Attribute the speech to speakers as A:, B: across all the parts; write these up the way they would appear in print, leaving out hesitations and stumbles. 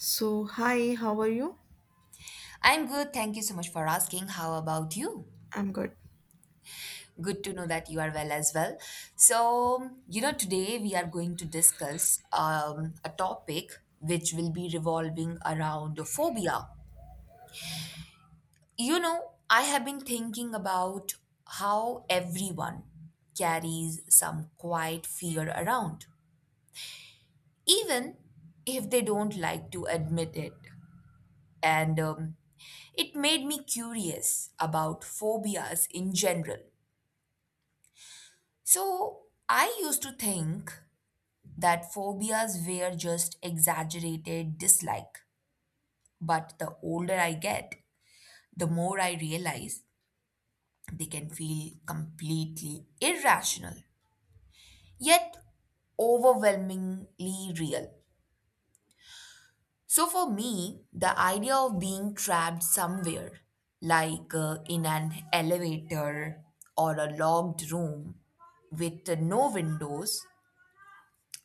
A: So, hi, how are you?
B: I'm good. Thank you so much for asking. How about you?
A: I'm good.
B: Good to know that you are well as well. Today we are going to discuss a topic which will be revolving around phobia. You know, I have been thinking about how everyone carries some quiet fear around, even if they don't like to admit it. And it made me curious about phobias in general. So I used to think that phobias were just exaggerated dislike. But the older I get, the more I realize they can feel completely irrational, yet overwhelmingly real. So for me, the idea of being trapped somewhere, like in an elevator or a locked room with no windows,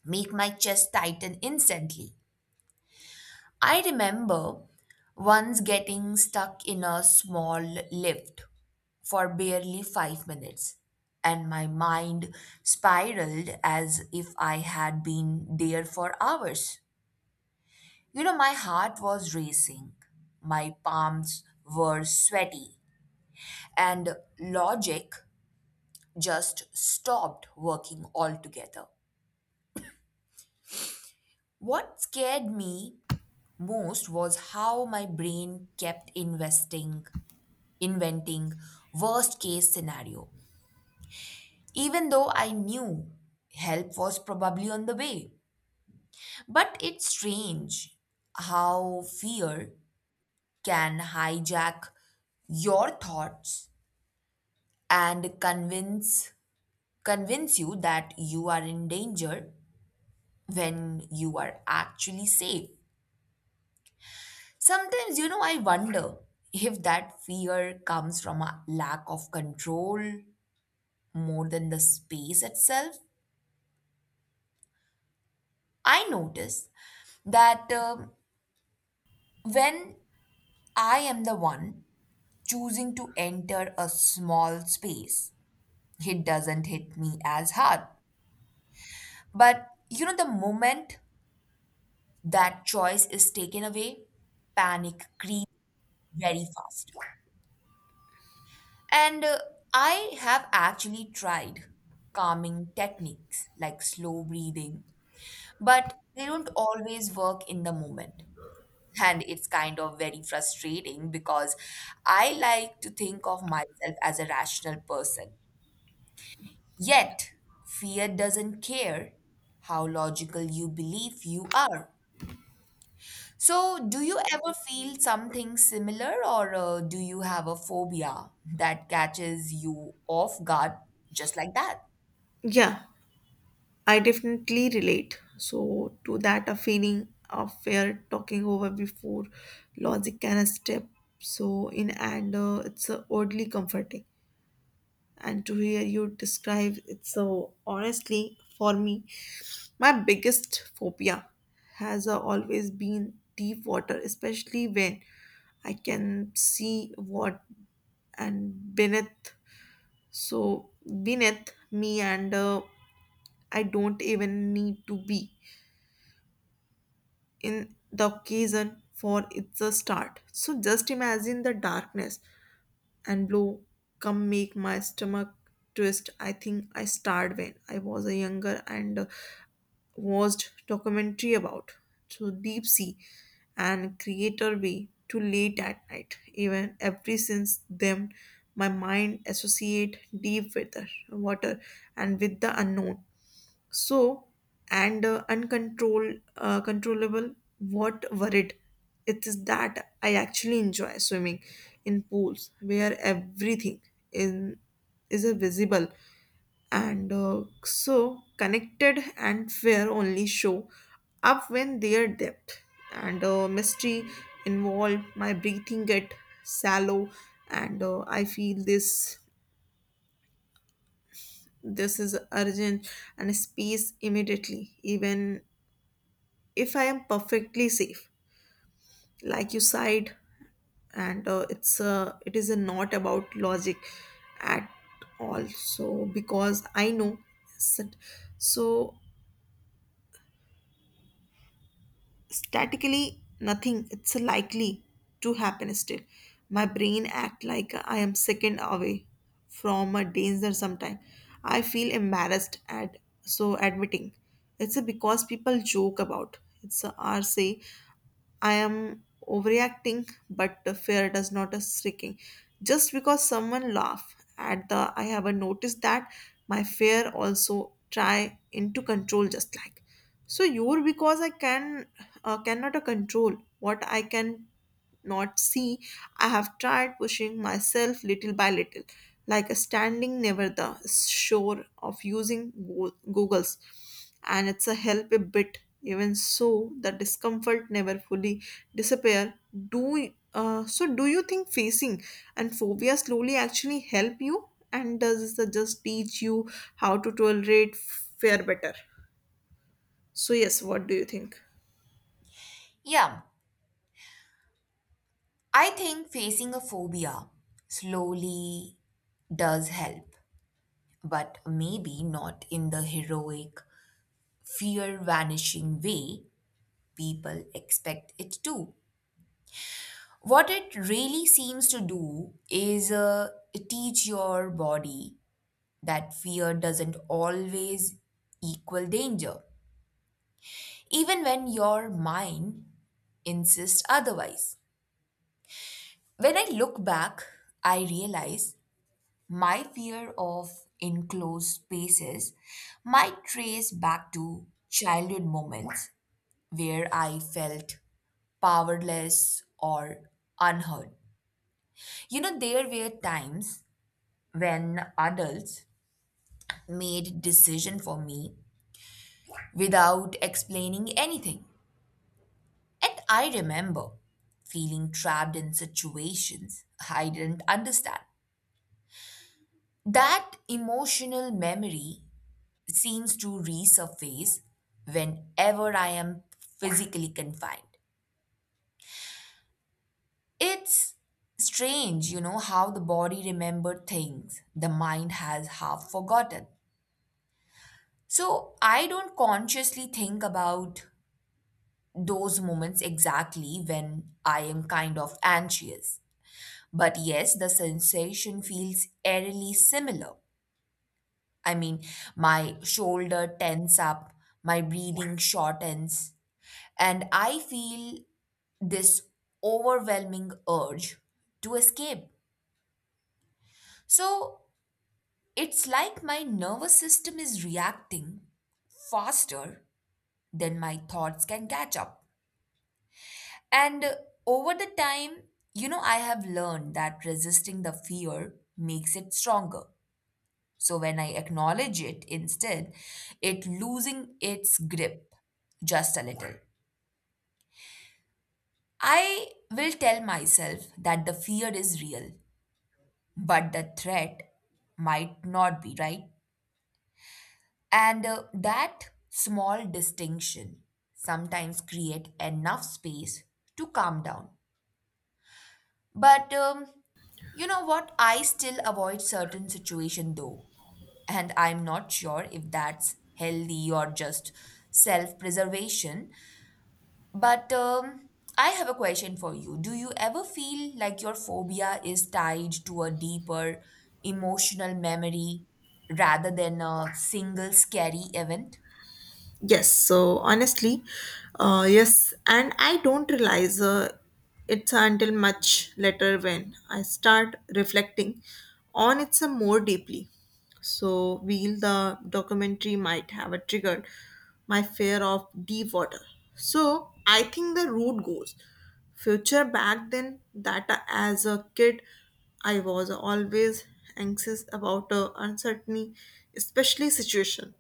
B: make my chest tighten instantly. I remember once getting stuck in a small lift for barely 5 minutes, and my mind spiraled as if I had been there for hours. You know, my heart was racing, my palms were sweaty, and logic just stopped working altogether. What scared me most was how my brain kept investing inventing worst case scenario, even though I knew help was probably on the way. But it's strange how fear can hijack your thoughts and convince you that you are in danger when you are actually safe. Sometimes, you know, I wonder if that fear comes from a lack of control more than the space itself. I notice that when I am the one choosing to enter a small space, it doesn't hit me as hard. But you know, the moment that choice is taken away, panic creeps very fast. And I have actually tried calming techniques like slow breathing, but they don't always work in the moment. And it's kind of very frustrating because I like to think of myself as a rational person. Yet, fear doesn't care how logical you believe you are. So, do you ever feel something similar, or do you have a phobia that catches you off guard just like that?
A: Yeah, I definitely relate. So, to that, a feeling of fear talking over before logic can step. So, in and it's oddly comforting. And to hear you describe it so honestly, for me, my biggest phobia has always been deep water, especially when I can see what and beneath so beneath me and I don't even need to be in the occasion for it's a start, so just imagine the darkness and blow come make my stomach twist. I think I started when I was a younger and watched documentary about so deep sea and creator way to late at night, even every since then my mind associate deep with the water and with the unknown. So, and uncontrolled, controllable, what worried? It is that I actually enjoy swimming in pools where everything in is a visible and so connected and fair only show up when their depth and mystery involve my breathing get shallow and I feel this is urgent and space immediately even if I am perfectly safe, like you said, and it's it is not about logic at all. So because I know, that, so statically nothing. It's likely to happen still. My brain act like I am second away from a danger. Sometime I feel embarrassed at so admitting. It's a because people joke about. It's or say I am overreacting, but the fear does not a shrinking. Just because someone laugh at the I haven't noticed that my fear also try into control just like. So your because I can cannot control what I can not see. I have tried pushing myself little by little, like a standing never the shore of using Googles, and it's a help a bit. Even so, the discomfort never fully disappear. Do so? Do you think facing and phobia slowly actually help you, and does it just teach you how to tolerate fear better? So yes, what do you think?
B: Yeah, I think facing a phobia slowly does help, but maybe not in the heroic fear vanishing way people expect it to. What it really seems to do is teach your body that fear doesn't always equal danger, even when your mind insists otherwise. When I look back, I realize my fear of enclosed spaces might trace back to childhood moments where I felt powerless, or unheard. You know, there were times when adults made decision for me without explaining anything. And I remember feeling trapped in situations I didn't understand. That emotional memory seems to resurface whenever I am physically confined. It's strange, you know, how the body remembered things the mind has half forgotten. So I don't consciously think about those moments exactly when I am kind of anxious. But yes, the sensation feels eerily similar. I mean, my shoulder tense up, my breathing shortens, and I feel this overwhelming urge to escape. So it's like my nervous system is reacting faster than my thoughts can catch up. And over the time, you know, I have learned that resisting the fear makes it stronger. So when I acknowledge it instead, it losing its grip just a little. I will tell myself that the fear is real, but the threat might not be, right? And that small distinction sometimes create enough space to calm down. But you know what? I still avoid certain situation though, and I'm not sure if that's healthy or just self-preservation. But I have a question for you. Do you ever feel like your phobia is tied to a deeper emotional memory rather than a single scary event?
A: Yes, so honestly, yes, and I don't realize it's until much later when I start reflecting on it some more deeply. So, while the documentary might have a triggered my fear of deep water. So, I think the route goes future back then that as a kid I was always anxious about uncertainty, especially situation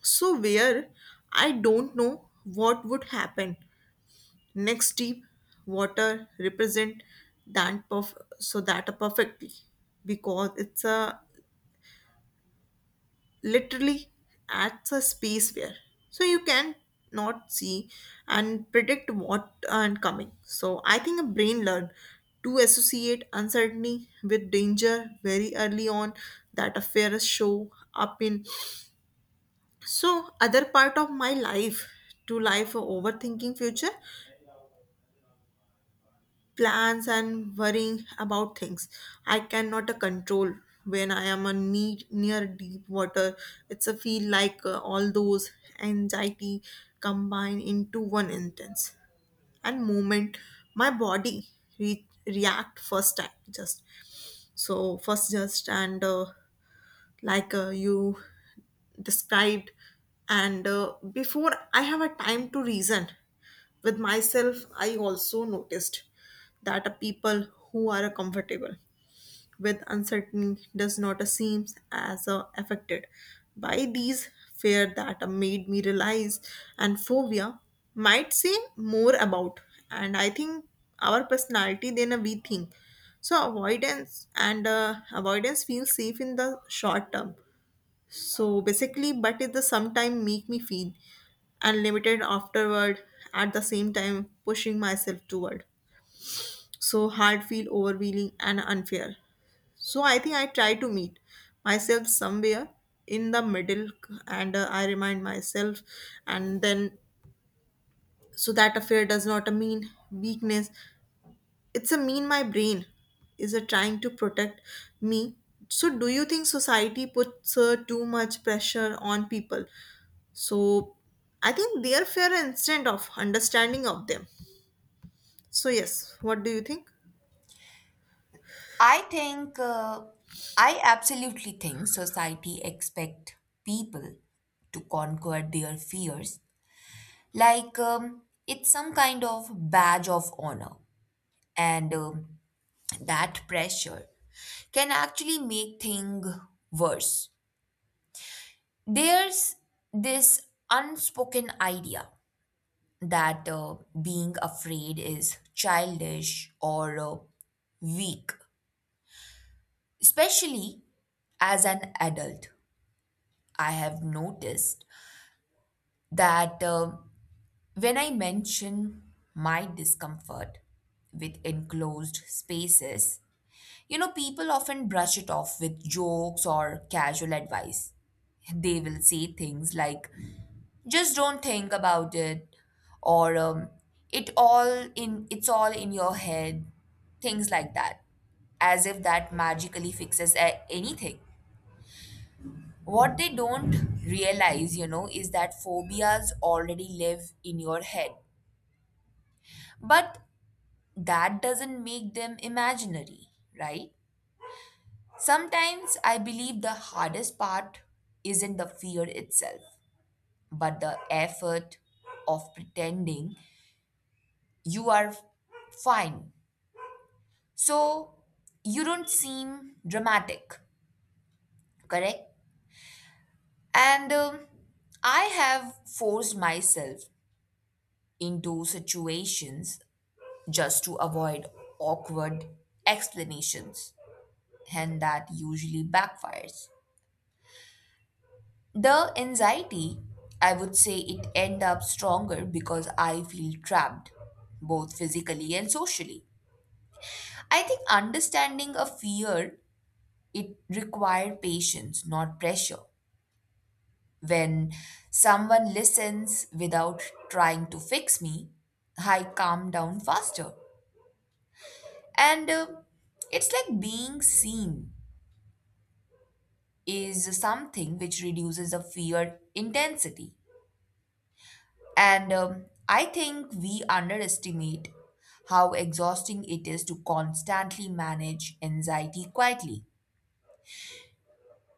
A: so where I don't know what would happen next deep water represent that so that perfectly because it's a literally at a space where so you can not see and predict what and coming, so I think a brain learn to associate uncertainty with danger very early on that a fear show up in so other part of my life to life for overthinking future plans and worrying about things I cannot control. When I am a knee, near deep water it's a feel like all those anxiety combine into one intense and moment. My body react first time just so first just and like you described and before I have a time to reason with myself. I also noticed that a people who are comfortable with uncertainty does not seem as affected by these fear that made me realize and phobia might say more about and I think our personality than we think. So avoidance feels safe in the short term. So basically, but it the sometime make me feel unlimited afterward. At the same time pushing myself toward so hard feel overwhelming and unfair, so I think I try to meet myself somewhere in the middle and I remind myself and then so that affair does not mean weakness, it's a mean my brain is a trying to protect me. So do you think society puts too much pressure on people so I think their fair instant of understanding of them? So, yes, what do you think?
B: I think, uh, I absolutely think society expect people to conquer their fears like it's some kind of badge of honor. And that pressure can actually make things worse. There's this unspoken idea that being afraid is childish or weak, especially as an adult. I have noticed that when I mention my discomfort with enclosed spaces, you know, people often brush it off with jokes or casual advice. They will say things like, just don't think about it, or it's all in your head, things like that, as if that magically fixes anything. What they don't realize, you know, is that phobias already live in your head. But that doesn't make them imaginary, right? Sometimes I believe the hardest part isn't the fear itself, but the effort of pretending you are fine. So you don't seem dramatic, correct? And I have forced myself into situations just to avoid awkward explanations, and that usually backfires. The anxiety, I would say it end up stronger because I feel trapped, both physically and socially. I think understanding a fear, it require patience, not pressure. When someone listens without trying to fix me, I calm down faster. And it's like being seen is something which reduces the fear intensity. And I think we underestimate how exhausting it is to constantly manage anxiety quietly.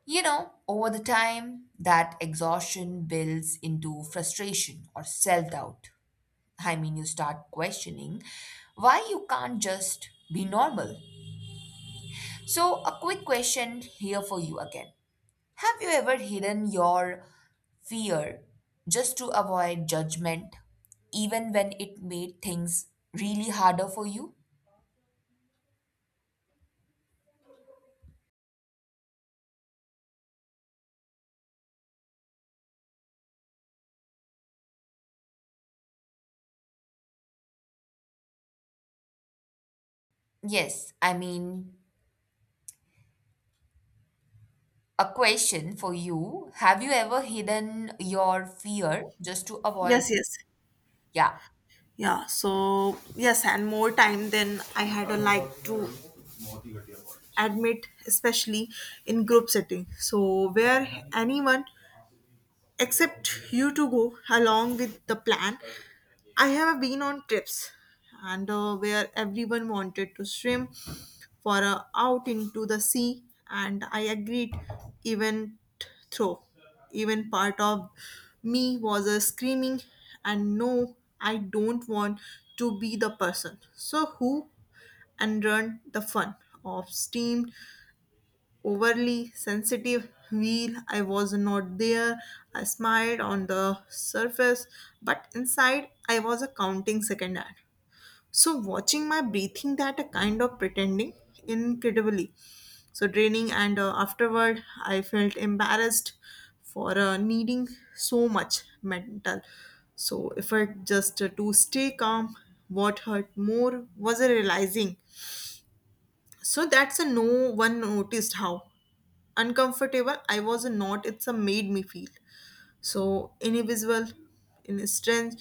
B: You know, over the time, that exhaustion builds into frustration or self doubt. I mean, you start questioning why you can't just be normal. So, a quick question here for you again. Have you ever hidden your fear just to avoid judgment, even when it made things really harder for you? Yes, I mean, a question for you. Have you ever hidden your fear just to avoid?
A: Yes, yes.
B: Yeah,
A: Yeah, so yes, and more time than I had a like to admit, especially in group setting. So where anyone except you to go along with the plan. I have been on trips and where everyone wanted to swim for out into the sea and I agreed, even through even part of me was screaming and no I don't want to be the person so who and run the fun of steam overly sensitive wheel. I was not there. I smiled on the surface, but inside I was a counting second at. So watching my breathing that a kind of pretending incredibly so draining and afterward I felt embarrassed for needing so much mental so effort just to stay calm. What hurt more was a realizing so that's a no one noticed how uncomfortable I was not. It's a made me feel so invisible in a strange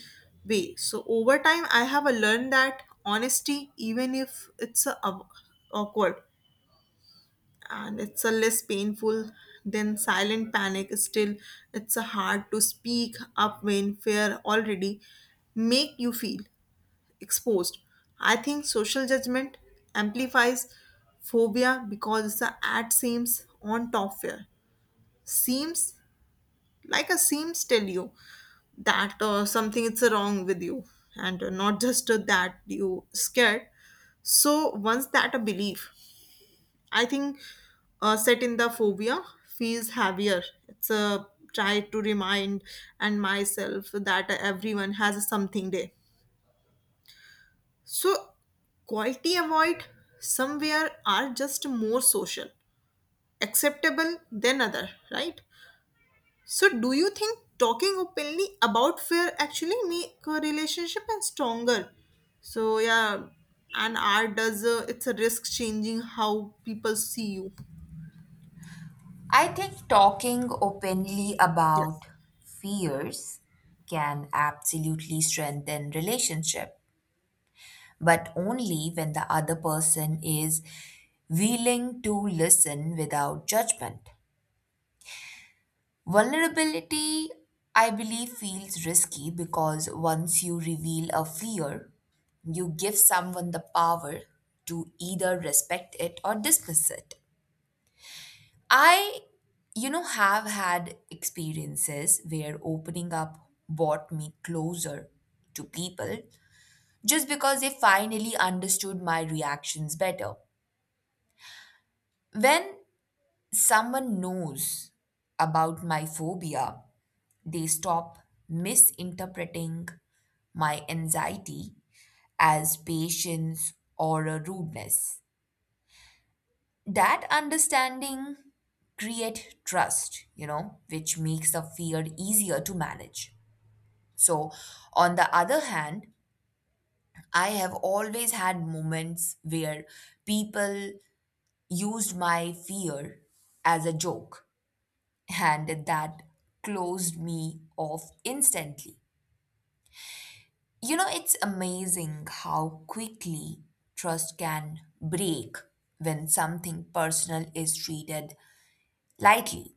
A: way. So over time, I have a learned that honesty, even if it's a awkward and it's a less painful than silent panic, still it's a hard to speak up when fear already make you feel exposed. I think social judgment amplifies phobia because the ad seems on top fear seems like a seems tell you that something is wrong with you and not just that you scared. So once that a belief I think set in the phobia feels heavier, it's a try to remind and myself that everyone has something there so quality avoid somewhere are just more social acceptable than other, right? So, do you think talking openly about fear actually make a relationship and stronger? So, yeah, and art does it's a risk changing how people see you.
B: I think talking openly about
A: Yes.
B: fears can absolutely strengthen relationship but only when the other person is willing to listen without judgment. Vulnerability, I believe, feels risky because once you reveal a fear, you give someone the power to either respect it or dismiss it. I, you know, have had experiences where opening up brought me closer to people just because they finally understood my reactions better. When someone knows about my phobia, they stop misinterpreting my anxiety as patience or a rudeness. That understanding create trust, you know, which makes the fear easier to manage. So, on the other hand, I have always had moments where people used my fear as a joke and that closed me off instantly. You know, it's amazing how quickly trust can break when something personal is treated lightly.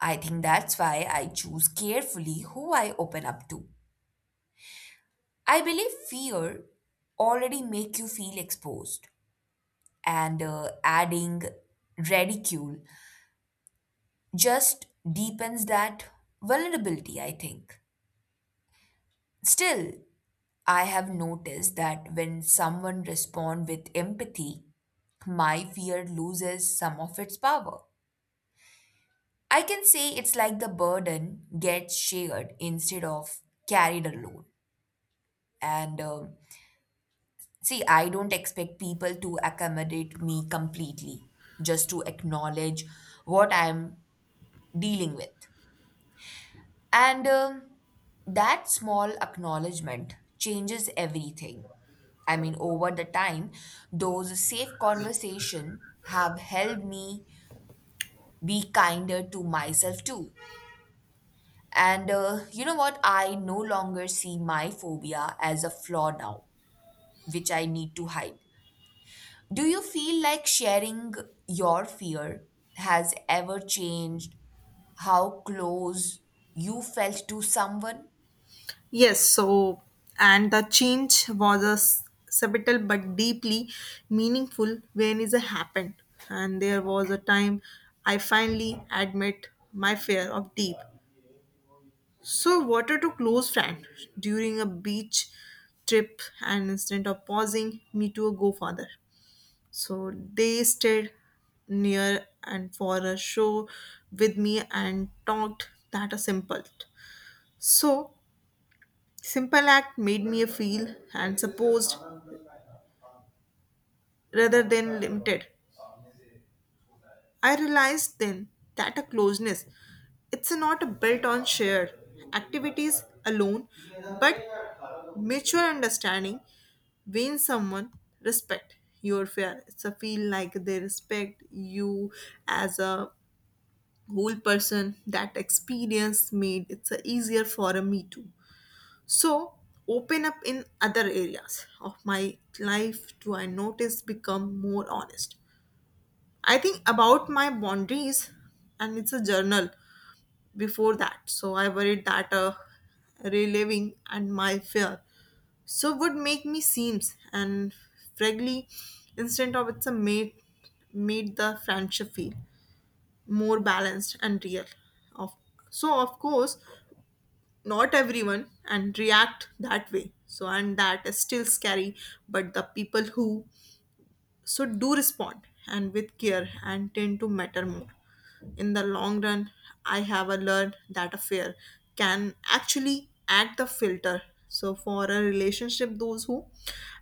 B: I think that's why I choose carefully who I open up to. I believe fear already make you feel exposed and adding ridicule just deepens that vulnerability, I think. Still, I have noticed that when someone responds with empathy, my fear loses some of its power. I can say it's like the burden gets shared instead of carried alone. And see, I don't expect people to accommodate me completely, just to acknowledge what I'm dealing with. And that small acknowledgement changes everything. I mean, over the time, those safe conversation have helped me be kinder to myself too. And you know what? I no longer see my phobia as a flaw now, which I need to hide. Do you feel like sharing your fear has ever changed how close you felt to someone?
A: Yes. So, and the change was a subtle but deeply meaningful when it happened. And there was a time I finally admit my fear of deep. So, water to close friend during a beach trip, and instead of pausing, me to go further. So they stayed near and for a show with me and talked that a simple. So simple act made me feel and supposed rather than limited. I realized then that a closeness it's not built on shared activities alone, but mutual understanding wins someone respect your fear. So feel like they respect you as a whole person. That experience made it's a easier for a me too. So open up in other areas of my life do I notice become more honest. I think about my boundaries and it's a journal before that. So I worried that reliving and my fear so would make me seems and frankly instead of it's a made made the friendship feel more balanced and real of so of course not everyone and react that way so and that is still scary, but the people who so do respond and with care and tend to matter more. In the long run, I have a learned that a fear can actually act the filter. So for a relationship, those who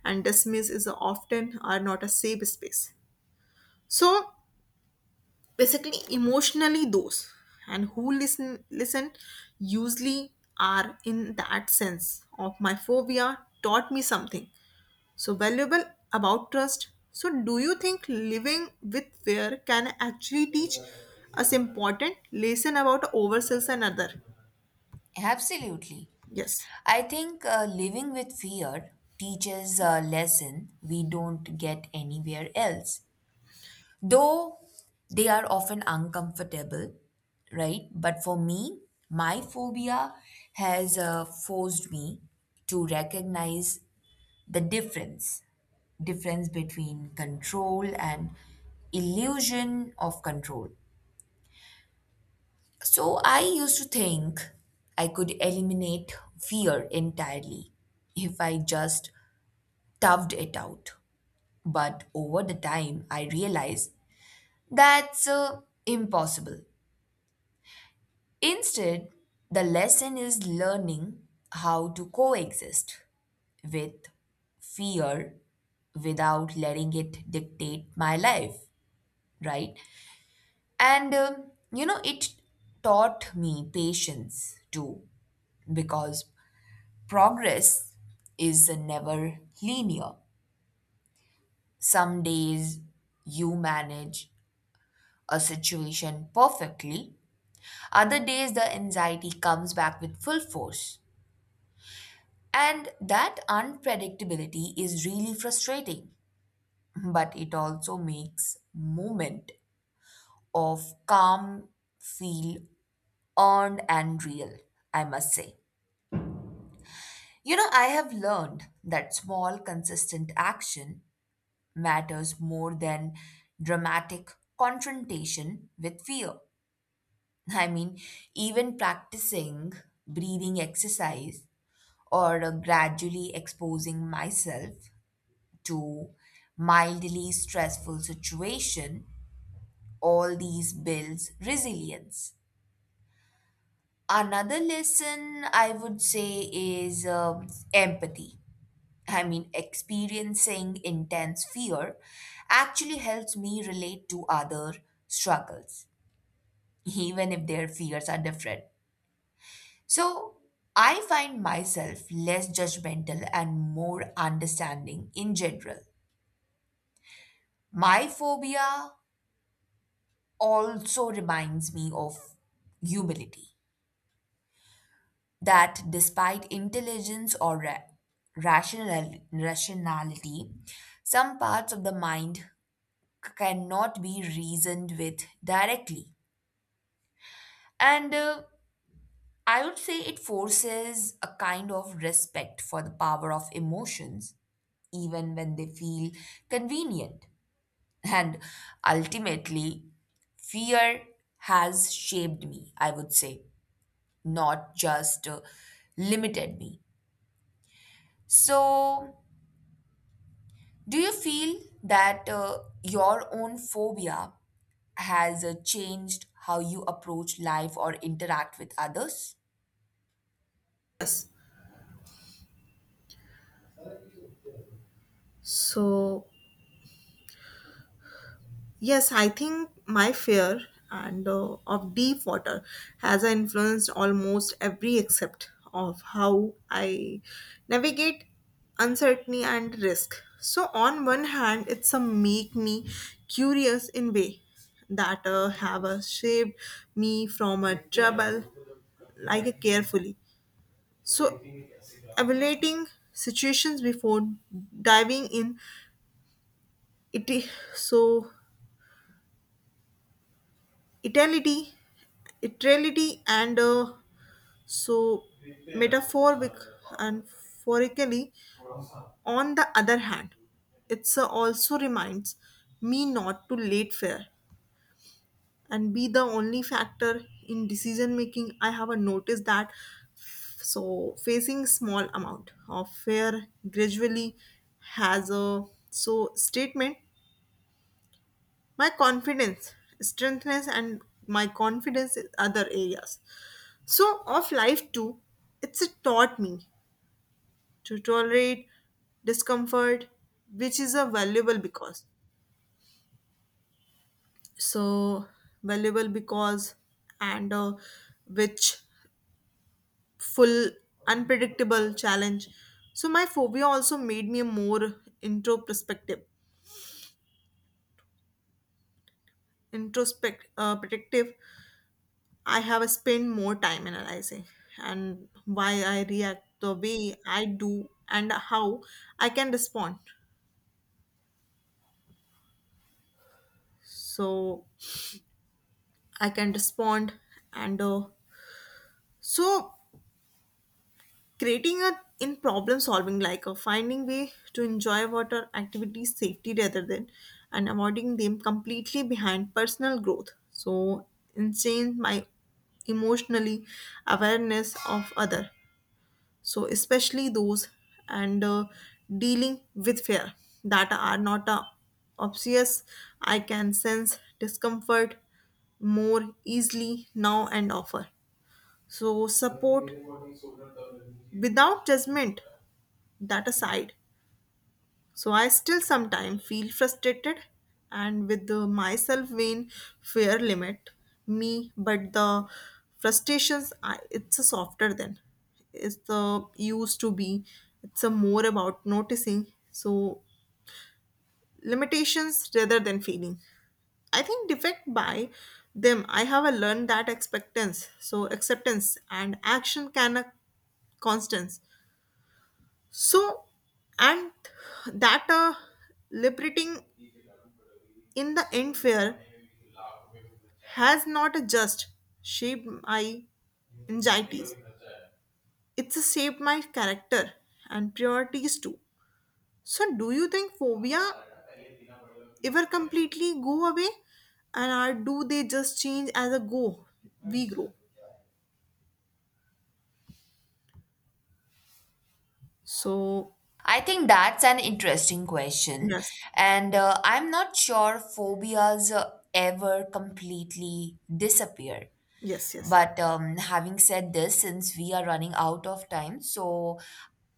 A: and dismiss is often are not a safe space. So basically, emotionally, those and who listen usually are in that sense of my phobia taught me something so valuable about trust. So do you think living with fear can actually teach us important lesson about ourselves and other?
B: Absolutely.
A: Yes.
B: I think living with fear teaches a lesson we don't get anywhere else. Though they are often uncomfortable, right? But for me, my phobia has forced me to recognize the difference between control and illusion of control. So I used to think I could eliminate fear entirely if I just toughed it out. But over the time, I realized that's impossible. Instead, the lesson is learning how to coexist with fear without letting it dictate my life, right? And you know, it taught me patience too, because progress is never linear. Some days you manage a situation perfectly. Other days, the anxiety comes back with full force. And that unpredictability is really frustrating, but it also makes moment of calm feel earned and real, I must say. You know, I have learned that small, consistent action matters more than dramatic confrontation with fear. I mean, even practicing breathing exercise or gradually exposing myself to mildly stressful situation, all these builds resilience. Another lesson I would say is empathy. I mean, experiencing intense fear actually helps me relate to other struggles, even if their fears are different. So I find myself less judgmental and more understanding in general. My phobia also reminds me of humility, that despite intelligence or rational rationality, some parts of the mind cannot be reasoned with directly, and I would say it forces a kind of respect for the power of emotions even when they feel convenient. And ultimately, fear has shaped me, I would say, not just limited me. So, do you feel that your own phobia has changed how you approach life or interact with others?
A: Yes. So yes, I think my fear and of deep water has influenced almost every aspect of how I navigate uncertainty and risk. So on one hand, it's a make me curious in way that have shaped me from a trouble like a carefully. So evaluating situations before diving in it is so Itality, Italy, and so metaphoric and phorically. On the other hand, it also reminds me not to late fare and be the only factor in decision making. I have a noticed that so facing small amount of fear gradually has a so statement my confidence strengthness and my confidence in other areas so of life too. It's taught me to tolerate discomfort which is a valuable because so valuable because and which full unpredictable challenge. So my phobia also made me a more intro perspective introspect protective. I have spent more time analyzing and why I react the way I do and how I can respond. So I can respond and so creating a in problem solving like a finding way to enjoy water activities safety rather than and avoiding them completely behind personal growth. So enhance my emotionally awareness of other so especially those and dealing with fear that are not obvious. I can sense discomfort more easily now and offer so support without judgment. That aside, so I still sometimes feel frustrated and with the myself when fear limit me, but the frustrations I, it's a softer than it's the used to be. It's a more about noticing. So limitations rather than feeling. I think defect by them. I have a learned that expectance. So acceptance and action can a constants. So and that liberating. In the end, fear has not just shaped my anxieties, it's shaped my character and priorities too. So, do you think phobia ever completely go away, and or do they just change as a go we grow? So,
B: I think that's an interesting question.
A: yes,
B: And I'm not sure phobias ever completely disappear.
A: yes, yes,
B: But having said this, since we are running out of time, so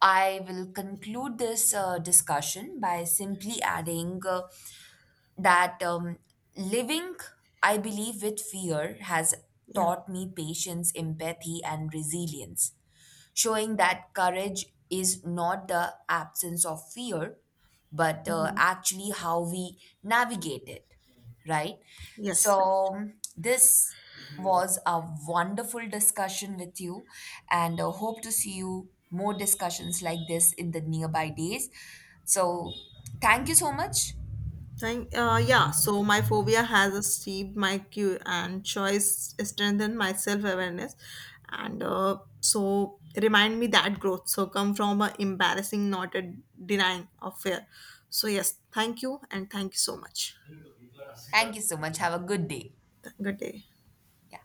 B: I will conclude this discussion by simply adding that living, I believe, with fear has
A: yeah,
B: taught me patience, empathy, and resilience, showing that courage is not the absence of fear, but
A: mhm.
B: actually how we navigate it, right?
A: Yes, right.
B: So, this was a wonderful discussion with you, and hope to see you more discussions like this in the nearby days. So, thank you so much.
A: Thank, yeah, so my phobia has a steep my cue and choice strengthened my self awareness and so remind me that growth. So come from a embarrassing, not a denying of fear. So, yes, thank you and thank you so much.
B: Thank you so much. Have a good day.
A: Good day.
B: Yeah.